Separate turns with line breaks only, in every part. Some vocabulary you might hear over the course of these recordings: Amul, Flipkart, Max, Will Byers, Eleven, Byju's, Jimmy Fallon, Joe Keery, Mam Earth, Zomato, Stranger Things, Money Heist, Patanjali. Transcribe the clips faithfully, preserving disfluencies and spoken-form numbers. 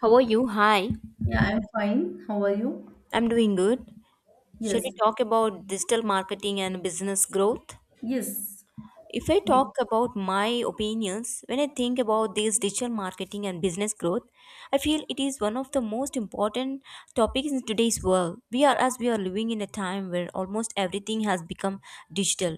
How are you? Hi.
Yeah, I'm fine. How are you?
I'm doing good. Shall we
Yes,
talk about digital marketing and business growth?
yes,
If I
we
talk about my opinions, when I think about this digital marketing and business growth, I feel it is one of the most important topics in today's world. We are as we are living in a time where almost everything has become digital,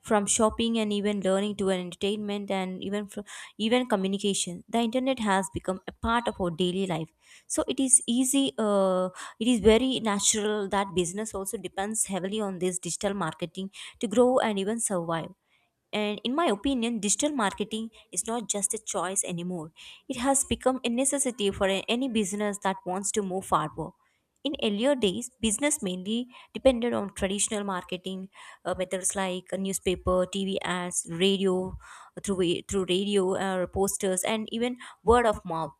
from shopping and even learning to an entertainment and even fr- even communication. The internet has become a part of our daily life. So it is easy. Uh, it is very natural that business also depends heavily on this digital marketing to grow and even survive, and in my opinion, digital marketing is not just a choice anymore. It has become a necessity for a- any business that wants to move forward. In earlier days, business mainly depended on traditional marketing uh, methods like a newspaper, T V ads, radio, through, through radio or posters, and even word of mouth.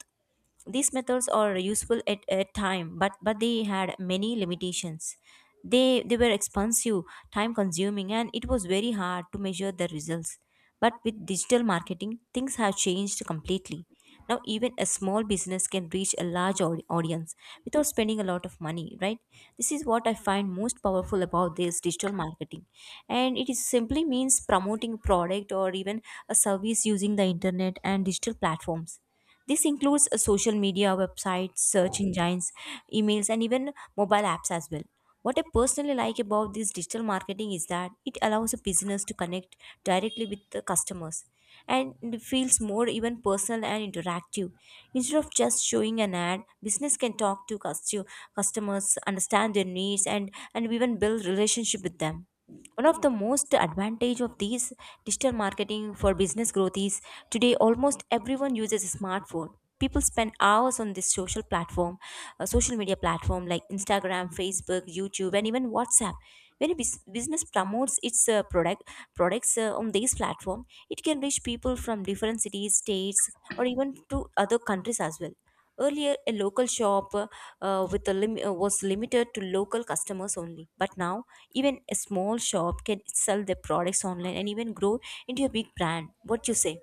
These methods are useful at a time, but but they had many limitations. They they were expensive, time consuming, and it was very hard to measure the results. But with digital marketing, things have changed completely. Now even a small business can reach a large au- audience without spending a lot of money, right? This is what I find most powerful about this digital marketing. And it is simply means promoting product or even a service using the internet and digital platforms. This includes uh, social media, websites, search engines, emails, and even mobile apps as well. What I personally like about this digital marketing is that it allows a business to connect directly with the customers, and it feels more even personal and interactive. Instead of just showing an ad, business can talk to custo- customers, understand their needs, and, and even build relationship with them. One of the most advantage of these digital marketing for business growth is today almost everyone uses a smartphone. People spend hours on this social platform, uh, social media platform like Instagram, Facebook, YouTube, and even WhatsApp. When a bus- business promotes its uh, product products uh, on these platform, it can reach people from different cities, states, or even to other countries as well. Earlier, a local shop uh, with a lim- uh, was limited to local customers only. But now, even a small shop can sell their products online and even grow into a big brand. What you say?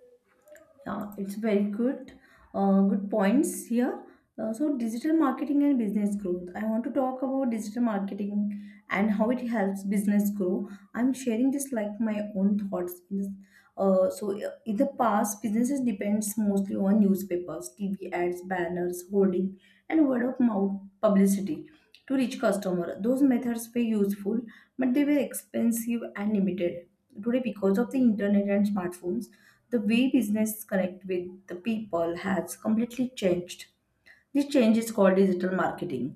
Yeah, it's very good. Uh, good points here. Uh, so, digital marketing and business growth. I want to talk about digital marketing and how it helps business grow. I'm sharing this like my own thoughts. Uh, so, uh, in the past, businesses depends mostly on newspapers, T V ads, banners, hoarding, and word of mouth publicity to reach customer. Those methods were useful, but they were expensive and limited. Today, because of the internet and smartphones, the way business connect with the people has completely changed. This change is called digital marketing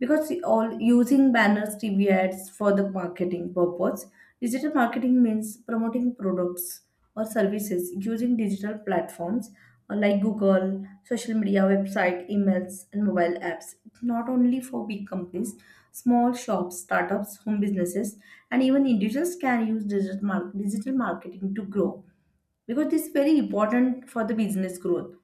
because we all using banners, T V ads for the marketing purpose. Digital marketing means promoting products or services using digital platforms uh, like Google, social media, website, emails, and mobile apps. Not only for big companies, small shops, startups, home businesses, and even individuals can use digital, mar- digital marketing to grow because this is very important for the business growth.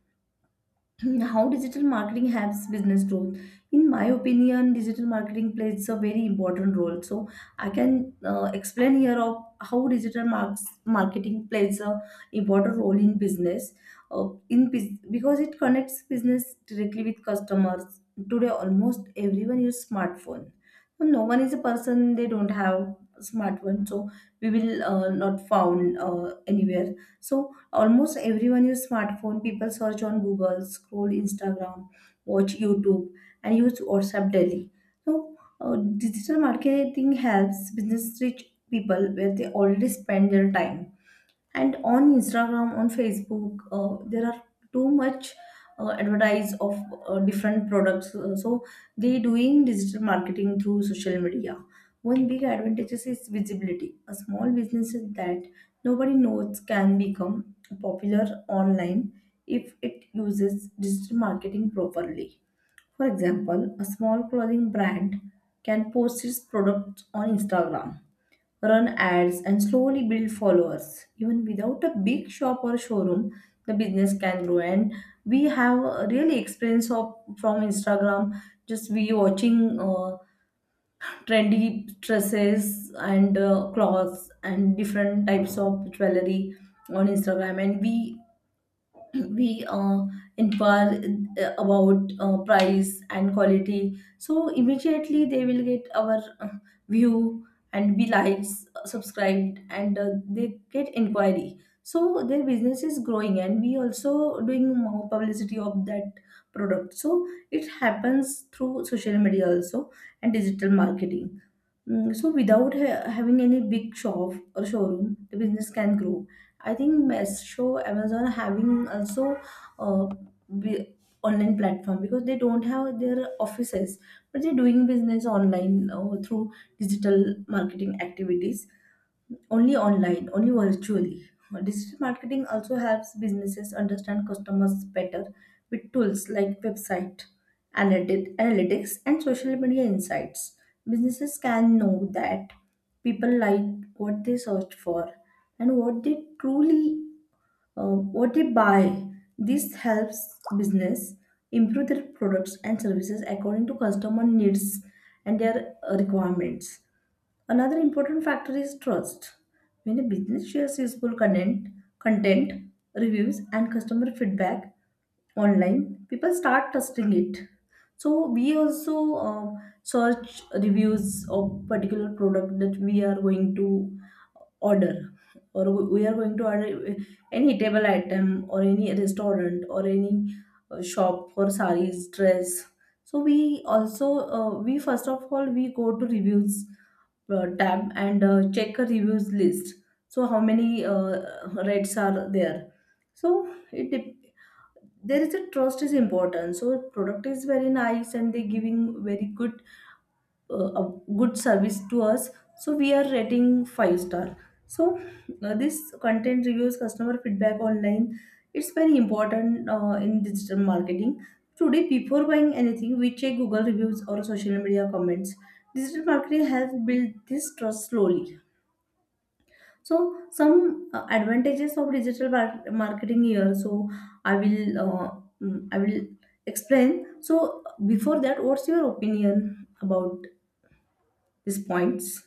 How digital marketing helps business growth. In my opinion, digital marketing plays a very important role, so I can uh, explain here of how digital marks, marketing plays a important role in business, uh, in bus- because it connects business directly with customers. Today almost everyone use smartphone. So, no one is a person they don't have smartphone, so we will uh, not found uh, anywhere. So, almost everyone use smartphone. People search on Google, scroll Instagram, watch YouTube, and use WhatsApp daily. So, uh, digital marketing helps business reach people where they already spend their time. And on Instagram, on Facebook, uh, there are too much uh, advertise of uh, different products. Uh, so they doing digital marketing through social media. One big advantage is visibility. A small business that nobody knows can become popular online if it uses digital marketing properly. For example, a small clothing brand can post its products on Instagram, run ads, and slowly build followers. Even without a big shop or showroom, the business can grow. And we have a really experience of from Instagram, just we watching uh, trendy dresses and uh, clothes and different types of jewelry on Instagram, and we we uh, inquire uh, about uh, price and quality, so immediately they will get our uh, view and be likes, uh, subscribed, and uh, they get inquiry, so their business is growing and we also doing more publicity of that product. So it happens through social media also and digital marketing. Mm, so without ha- having any big shop or showroom the business can grow. I think best show Amazon having also uh, be online platform because they don't have their offices, but they're doing business online uh, through digital marketing activities only online, only virtually. Digital marketing also helps businesses understand customers better with tools like website analytic- analytics and social media insights. Businesses can know that people like, what they search for, and what they truly, um, what they buy. This helps business improve their products and services according to customer needs and their uh, requirements. Another important factor is trust. When a business shares useful content, content, reviews, and customer feedback online, people start trusting it. So we also uh, search reviews of particular product that we are going to order, or we are going to order uh, any table item or any restaurant or any uh, shop for sarees dress. So we also, uh, we first of all we go to reviews uh, tab and uh, check a reviews list. So how many uh, rates are there. so it dep- there is a trust is important. So product is very nice and they giving very good uh, a good service to us, so we are rating five star. So uh, this content reviews customer feedback online, it's very important uh, in digital marketing. Today before buying anything we check Google reviews or social media comments. Digital marketing has built this trust slowly. So some uh, advantages of digital mar- marketing here. So I will, uh, mm, I will explain. So before that, what's your opinion about these points?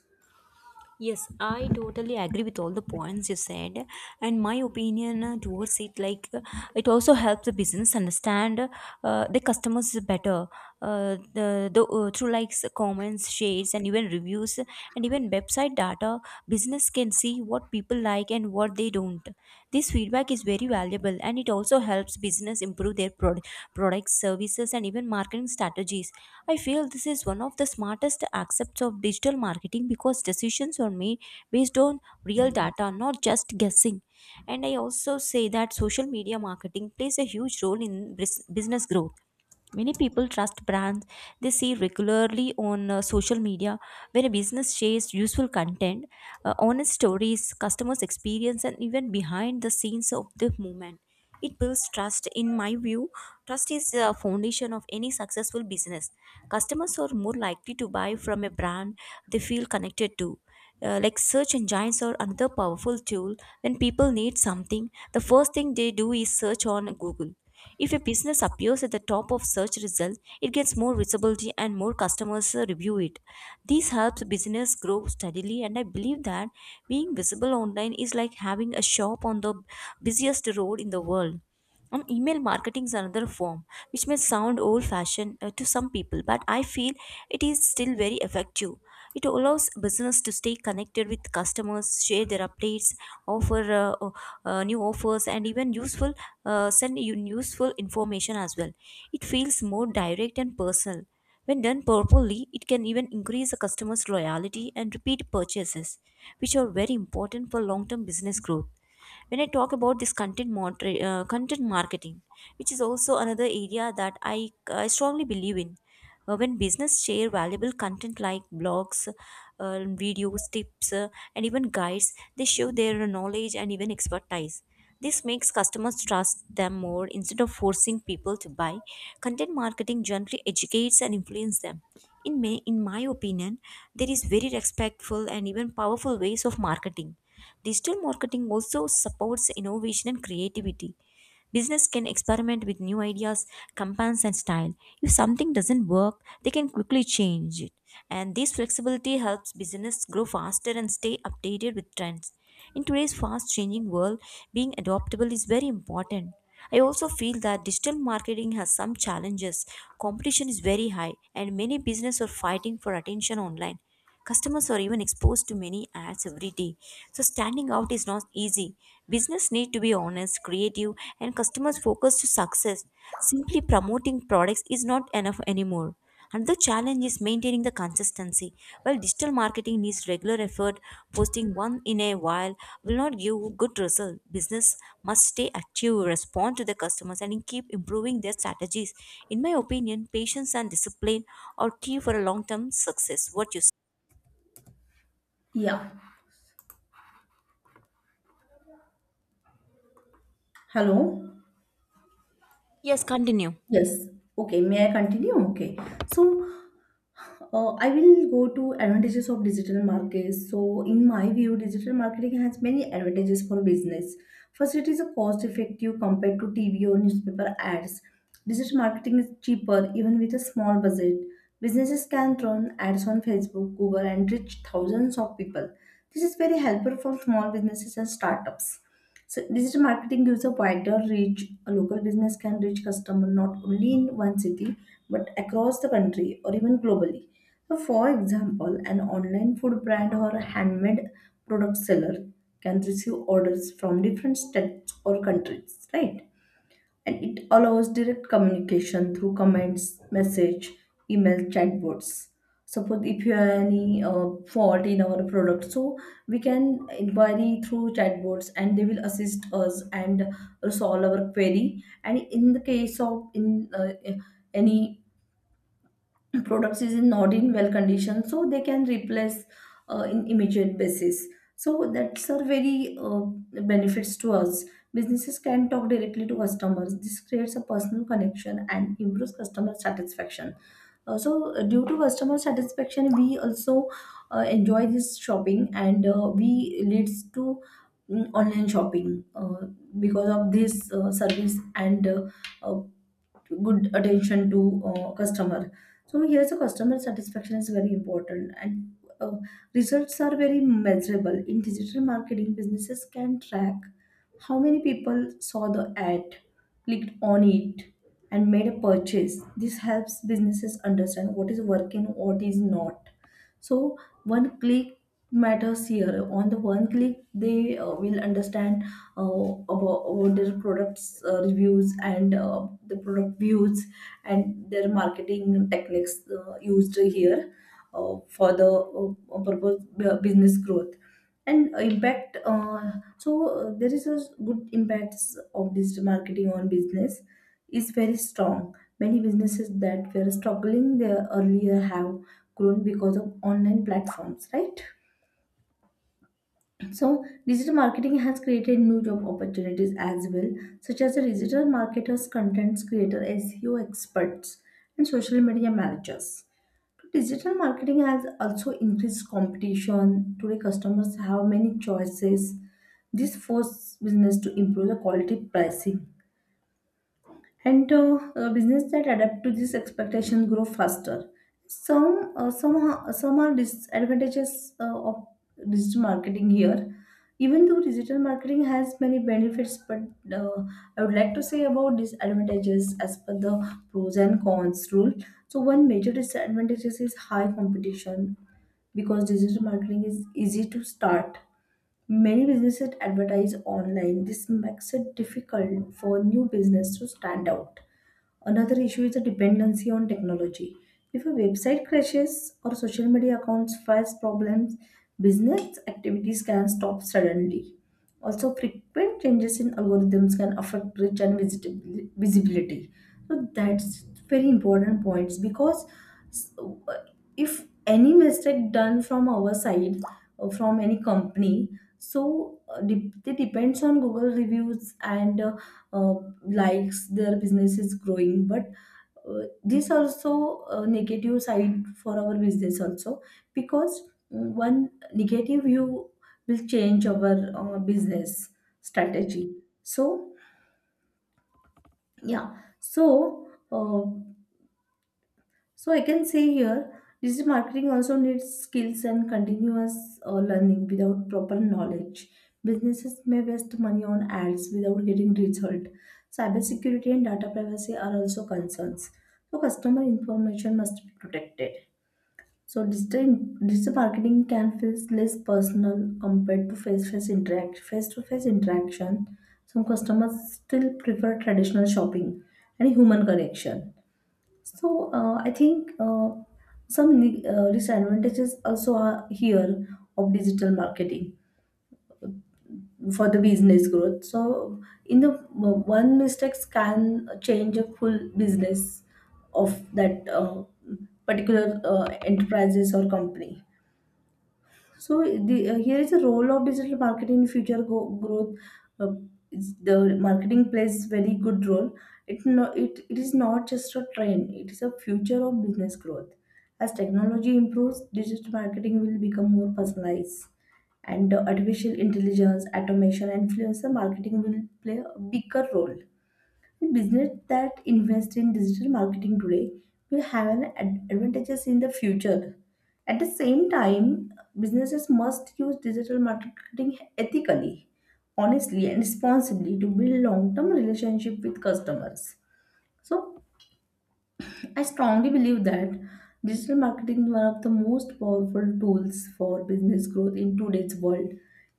Yes, I totally agree with all the points you said, and my opinion uh, towards it, like uh, it also helps the business understand uh, the customers better. Uh, the, the uh, through likes, comments, shares, and even reviews, and even website data, business can see what people like and what they don't. This feedback feedback is very valuable, and it also helps business improve their prod- products, services, and even marketing strategies. I feel this is one of the smartest aspects of digital marketing because decisions are made based on real data, not just guessing. And I also say that social media marketing plays a huge role in bris- business growth. Many people trust brands they see regularly on uh, social media. When a business shares useful content, uh, honest stories, customers' experience, and even behind the scenes of the movement, it builds trust. In my view, trust is the foundation of any successful business. Customers are more likely to buy from a brand they feel connected to. Uh, like search engines are another powerful tool. When people need something, the first thing they do is search on Google. If a business appears at the top of search results, it gets more visibility and more customers uh, review it. This helps business grow steadily, and I believe that being visible online is like having a shop on the busiest road in the world. Um, email marketing is another form which may sound old fashioned uh, to some people, but I feel it is still very effective. It allows business to stay connected with customers, share their updates, offer uh, o- uh, new offers, and even useful uh, send you useful information as well. It feels more direct and personal. When done properly, it can even increase the customer's loyalty and repeat purchases, which are very important for long term business growth. When I talk about this content moder- uh, content marketing, which is also another area that i, I strongly believe in. Uh, when business share valuable content like blogs, uh, videos, tips, uh, and even guides, they show their knowledge and even expertise. This makes customers trust them more. Instead of forcing people to buy, content marketing generally educates and influences them. In my in my opinion, there is very respectful and even powerful ways of marketing. Digital marketing also supports innovation and creativity. Business can experiment with new ideas, campaigns, and style. If something doesn't work, they can quickly change it. And this flexibility helps business grow faster and stay updated with trends. In today's fast changing world, being adaptable is very important. I also feel that digital marketing has some challenges. Competition is very high, and many businesses are fighting for attention online. Customers are even exposed to many ads every day. So standing out is not easy. Business need to be honest, creative, and customers focused to success. Simply promoting products is not enough anymore. Another challenge is maintaining the consistency. While digital marketing needs regular effort, posting one in a while will not give good result. Business must stay active, respond to the customers, and keep improving their strategies. In my opinion, patience and discipline are key for a long-term success. What you...
Yeah. Hello.
Yes, continue.
Yes. Okay. May I continue? Okay. So, uh, I will go to advantages of digital markets. So, in my view, digital marketing has many advantages for business. First, it is a cost effective compared to T V or newspaper ads. Digital marketing is cheaper even with a small budget. Businesses can run ads on Facebook, Google, and reach thousands of people. This is very helpful for small businesses and startups. So digital marketing gives a wider reach. A local business can reach customer not only in one city but across the country or even globally. So for example, an online food brand or a handmade product seller can receive orders from different states or countries, right? And it allows direct communication through comments, message, email, chatbots. Suppose if you have any uh, fault in our product, so we can inquiry through chatbots and they will assist us and resolve our query. And in the case of in uh, any products is in not in well condition, so they can replace uh, in immediate basis. So that's a very uh, benefits to us. Businesses can talk directly to customers. This creates a personal connection and improves customer satisfaction. Uh, so uh, Due to customer satisfaction we also uh, enjoy this shopping and uh, we leads to, mm, online shopping, uh, because of this uh, service and uh, uh, good attention to uh, customer. So here, the customer satisfaction is very important. And uh, results are very measurable in digital marketing. Businesses can track how many people saw the ad, clicked on it, and made a purchase. This helps businesses understand what is working, what is not. So one click matters here. On the one click they uh, will understand and uh, about, about their products uh, reviews and uh, the product views and their marketing techniques uh, used here uh, for the uh, purpose bu- business growth and impact. Uh, so uh, there is a good impacts of digital marketing on business is very strong. Many businesses that were struggling there earlier have grown because of online platforms, right? So, digital marketing has created new job opportunities as well, such as the digital marketers, content creators, S E O experts, and social media managers. Digital marketing has also increased competition. Today, customers have many choices. This forces business to improve the quality pricing. And uh, uh, business that adapt to this expectation grow faster. Some uh, some are- some are disadvantages uh, of digital marketing here. Even though digital marketing has many benefits but uh, I would like to say about disadvantages as per the pros and cons rule. So one major disadvantage is high competition. Because digital marketing is easy to start, many businesses advertise online. This makes it difficult for new business to stand out. Another issue is the dependency on technology. If a website crashes or social media accounts face problems, business activities can stop suddenly. Also, frequent changes in algorithms can affect reach and visitab- visibility. So that's very important points. Because s- uh, if any mistake done from our side or from any company, so uh, de- it depends on Google reviews and uh, uh, likes, their business is growing. But uh, this also a negative side for our business also, because uh, one negative view will change our uh, business strategy. So yeah so uh, So I can say here, digital marketing also needs skills and continuous uh, learning. Without proper knowledge, businesses may waste money on ads without getting result. Cybersecurity and data privacy are also concerns. So customer information must be protected. So digital, digital marketing can feel less personal compared to face-to-face interact, face-to-face interaction. Some customers still prefer traditional shopping and human connection. So uh, I think uh, some ne- uh, disadvantages also are here of digital marketing for the business growth. So in the uh, one mistakes can change a full business of that uh, particular uh, enterprises or company. So the uh, here is the role of digital marketing in future go- growth. Uh, is- the marketing plays very good role. It no, it, it is not just a trend. It is a future of business growth. As technology improves, digital marketing will become more personalized, and uh, artificial intelligence, automation, and influencer marketing will play a bigger role. Business that invest in digital marketing today will have an ad- advantages in the future. At the same time, businesses must use digital marketing ethically, honestly, and responsibly to build long-term relationship with customers. So I strongly believe that digital marketing is one of the most powerful tools for business growth in today's world.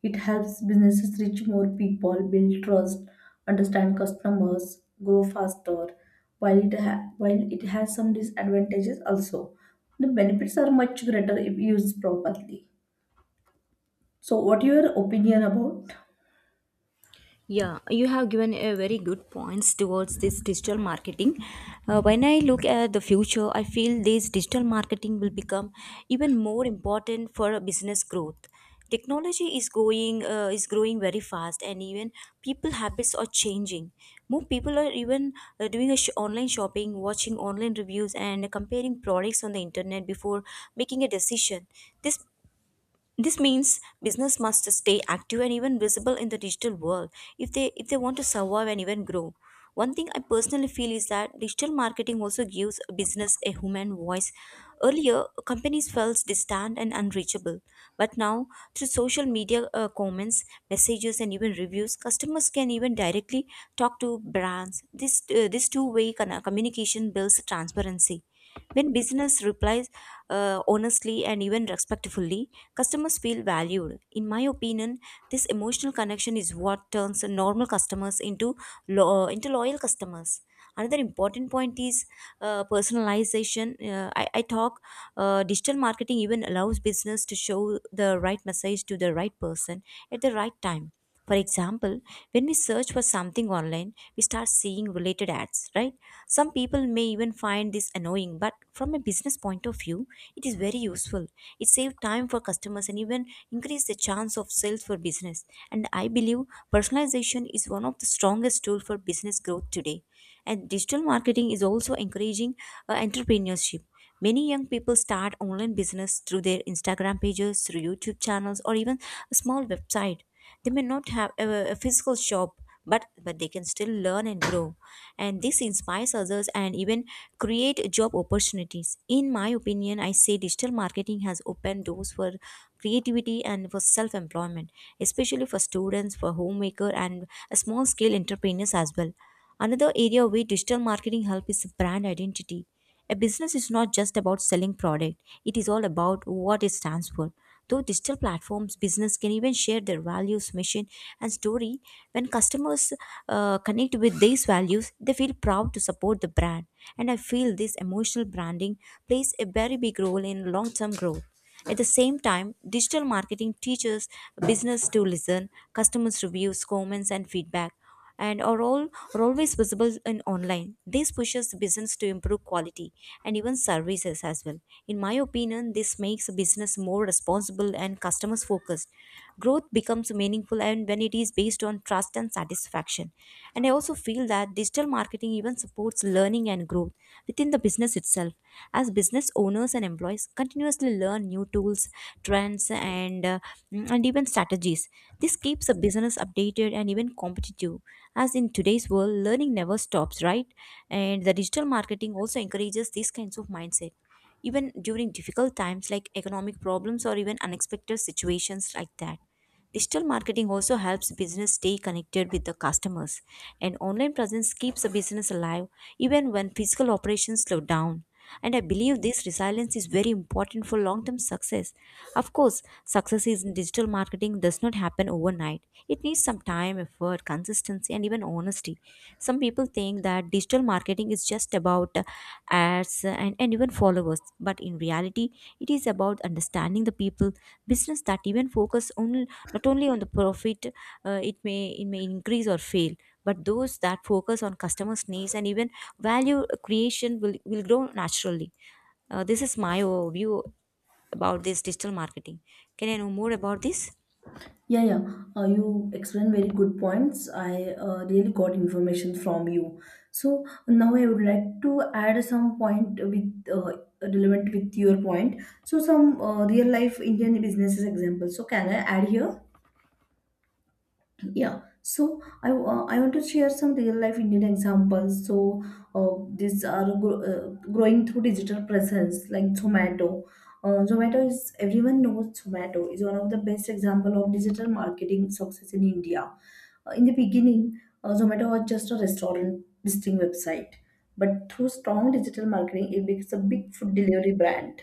It helps businesses reach more people, build trust, understand customers, grow faster. While it ha- while it has some disadvantages also, the benefits are much greater if used properly. So, what your opinion about?
Yeah, you have given a very good points towards this digital marketing. Uh, when I look at the future, I feel this digital marketing will become even more important for a business growth. Technology is going uh, is growing very fast, and even people habits are changing. More people are even uh, doing a sh- online shopping, watching online reviews, and comparing products on the internet before making a decision. This This means business must stay active and even visible in the digital world, if they if they want to survive and even grow. One thing I personally feel is that digital marketing also gives a business a human voice. Earlier, companies felt distant and unreachable, but now through social media uh, comments, messages, and even reviews, customers can even directly talk to brands. This uh, this two-way con- communication builds transparency. When business replies uh, honestly and even respectfully, customers feel valued. In my opinion, this emotional connection is what turns normal customers into lo- uh, into loyal customers. Another important point is uh, personalization. Uh, I, I talk uh, digital marketing even allows business to show the right message to the right person at the right time. For example, when we search for something online, we start seeing related ads, right? Some people may even find this annoying, but from a business point of view, it is very useful. It saves time for customers and even increase the chance of sales for business. And I believe personalization is one of the strongest tool for business growth today. And digital marketing is also encouraging uh, entrepreneurship. Many young people start online business through their Instagram pages, through YouTube channels, or even a small website. They may not have a, a physical shop, but but they can still learn and grow. And this inspires others and even create job opportunities. In my opinion, I say digital marketing has opened doors for creativity and for self-employment, especially for students, for homemaker, and small-scale entrepreneurs as well. Another area where digital marketing helps is brand identity. A business is not just about selling product, it is all about what it stands for. Through digital platforms, business can even share their values, mission, and story. When customers uh, connect with these values, they feel proud to support the brand. And I feel this emotional branding plays a very big role in long term growth. At the same time, digital marketing teaches business to listen, customers' reviews, comments, and feedback and are all are always visible in online. This pushes business to improve quality and even services as well. In my opinion, this makes business more responsible and customers focused. Growth becomes meaningful and when it is based on trust and satisfaction. And I also feel that digital marketing even supports learning and growth within the business itself, as business owners and employees continuously learn new tools, trends, and uh, mm, and even strategies. This keeps a business updated and even competitive, as in today's world learning never stops, right? And the digital marketing also encourages these kinds of mindset, even during difficult times like economic problems or even unexpected situations like that. Digital marketing also helps business stay connected with the customers, and online presence keeps a business alive even when physical operations slow down. And I believe this resilience is very important for long term success. Of course, success in digital marketing does not happen overnight. It needs some time, effort, consistency, and even honesty. Some people think that digital marketing is just about uh, ads, uh, and, and even followers. But in reality, it is about understanding the people, business that even focus on not only on the profit, uh, it may it may increase or fail, but those that focus on customers' needs and even value creation will, will grow naturally. Uh, this is my view about this digital marketing. Can I know more about this?
Yeah, yeah. Uh, you explained very good points. I uh, really got information from you. So now I would like to add some point with uh, relevant with your point. So some uh, real life Indian businesses examples. So can I add here? Yeah, so I, uh, I want to share some real life Indian examples. So uh, these are gro- uh, growing through digital presence like Zomato. Uh, Zomato is everyone knows Zomato is one of the best example of digital marketing success in India. Uh, in the beginning, uh, Zomato was just a restaurant listing website, but through strong digital marketing, it becomes a big food delivery brand.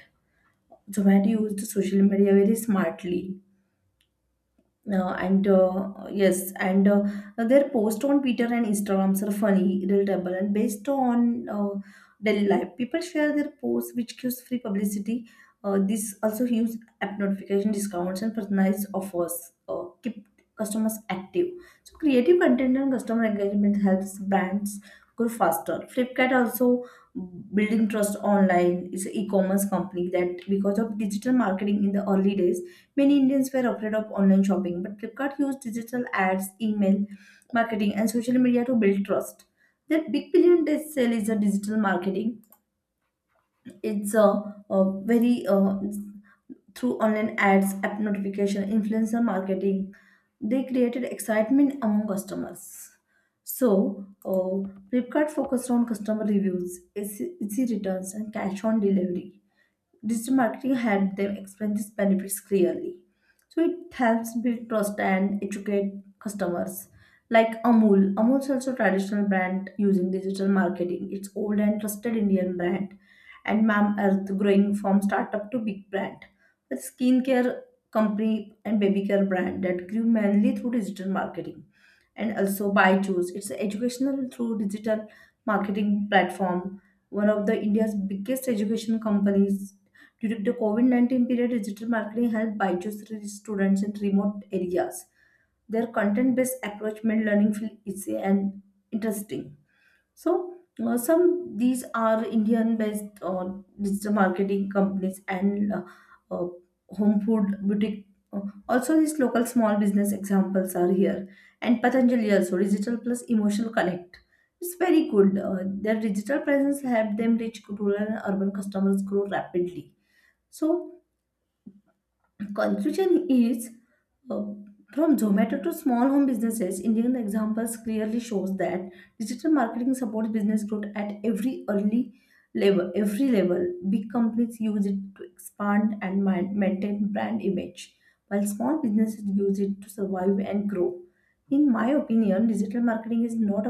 Zomato used social media very smartly uh, and uh, yes, and uh, their posts on Twitter and Instagrams are funny, relatable, and based on uh, daily life. People share their posts, which gives free publicity. Uh, this also gives app notification discounts and personalized offers. Uh, keep customers active. So creative content and customer engagement helps brands grow faster. Flipkart also building trust online is an e-commerce company that because of digital marketing in the early days many Indians were afraid of online shopping, but Flipkart used digital ads, email marketing, and social media to build trust. That big billion day sale is a digital marketing. It's a, a very uh, through online ads, app notification, influencer marketing. They created excitement among customers. So, uh, Flipkart focused on customer reviews, easy easy returns, and cash on delivery. Digital marketing helped them explain these benefits clearly. So it helps build trust and educate customers. Like Amul, Amul is also a traditional brand using digital marketing. It's old and trusted Indian brand, and Mam Earth growing from startup to big brand. A skincare company and baby care brand that grew mainly through digital marketing, and also Byju's. It's a educational through digital marketing platform one of the India's biggest education companies during the COVID nineteen period, digital marketing helped Byju's reach students in remote areas. Their content based approach made learning feel easy and interesting. So, uh, some these are Indian based uh, digital marketing companies and uh, uh, home food boutique. Uh, Also, these local small business examples are here. And Patanjali also, digital plus emotional connect. It's very good. Uh, their digital presence helped them reach rural and urban customers grow rapidly. So, conclusion is uh, from Zomato to small home businesses, Indian examples clearly shows that digital marketing supports business growth at every early level. Every level, big companies use it to expand and man- maintain brand image, while small businesses use it to survive and grow. In my opinion, digital marketing is not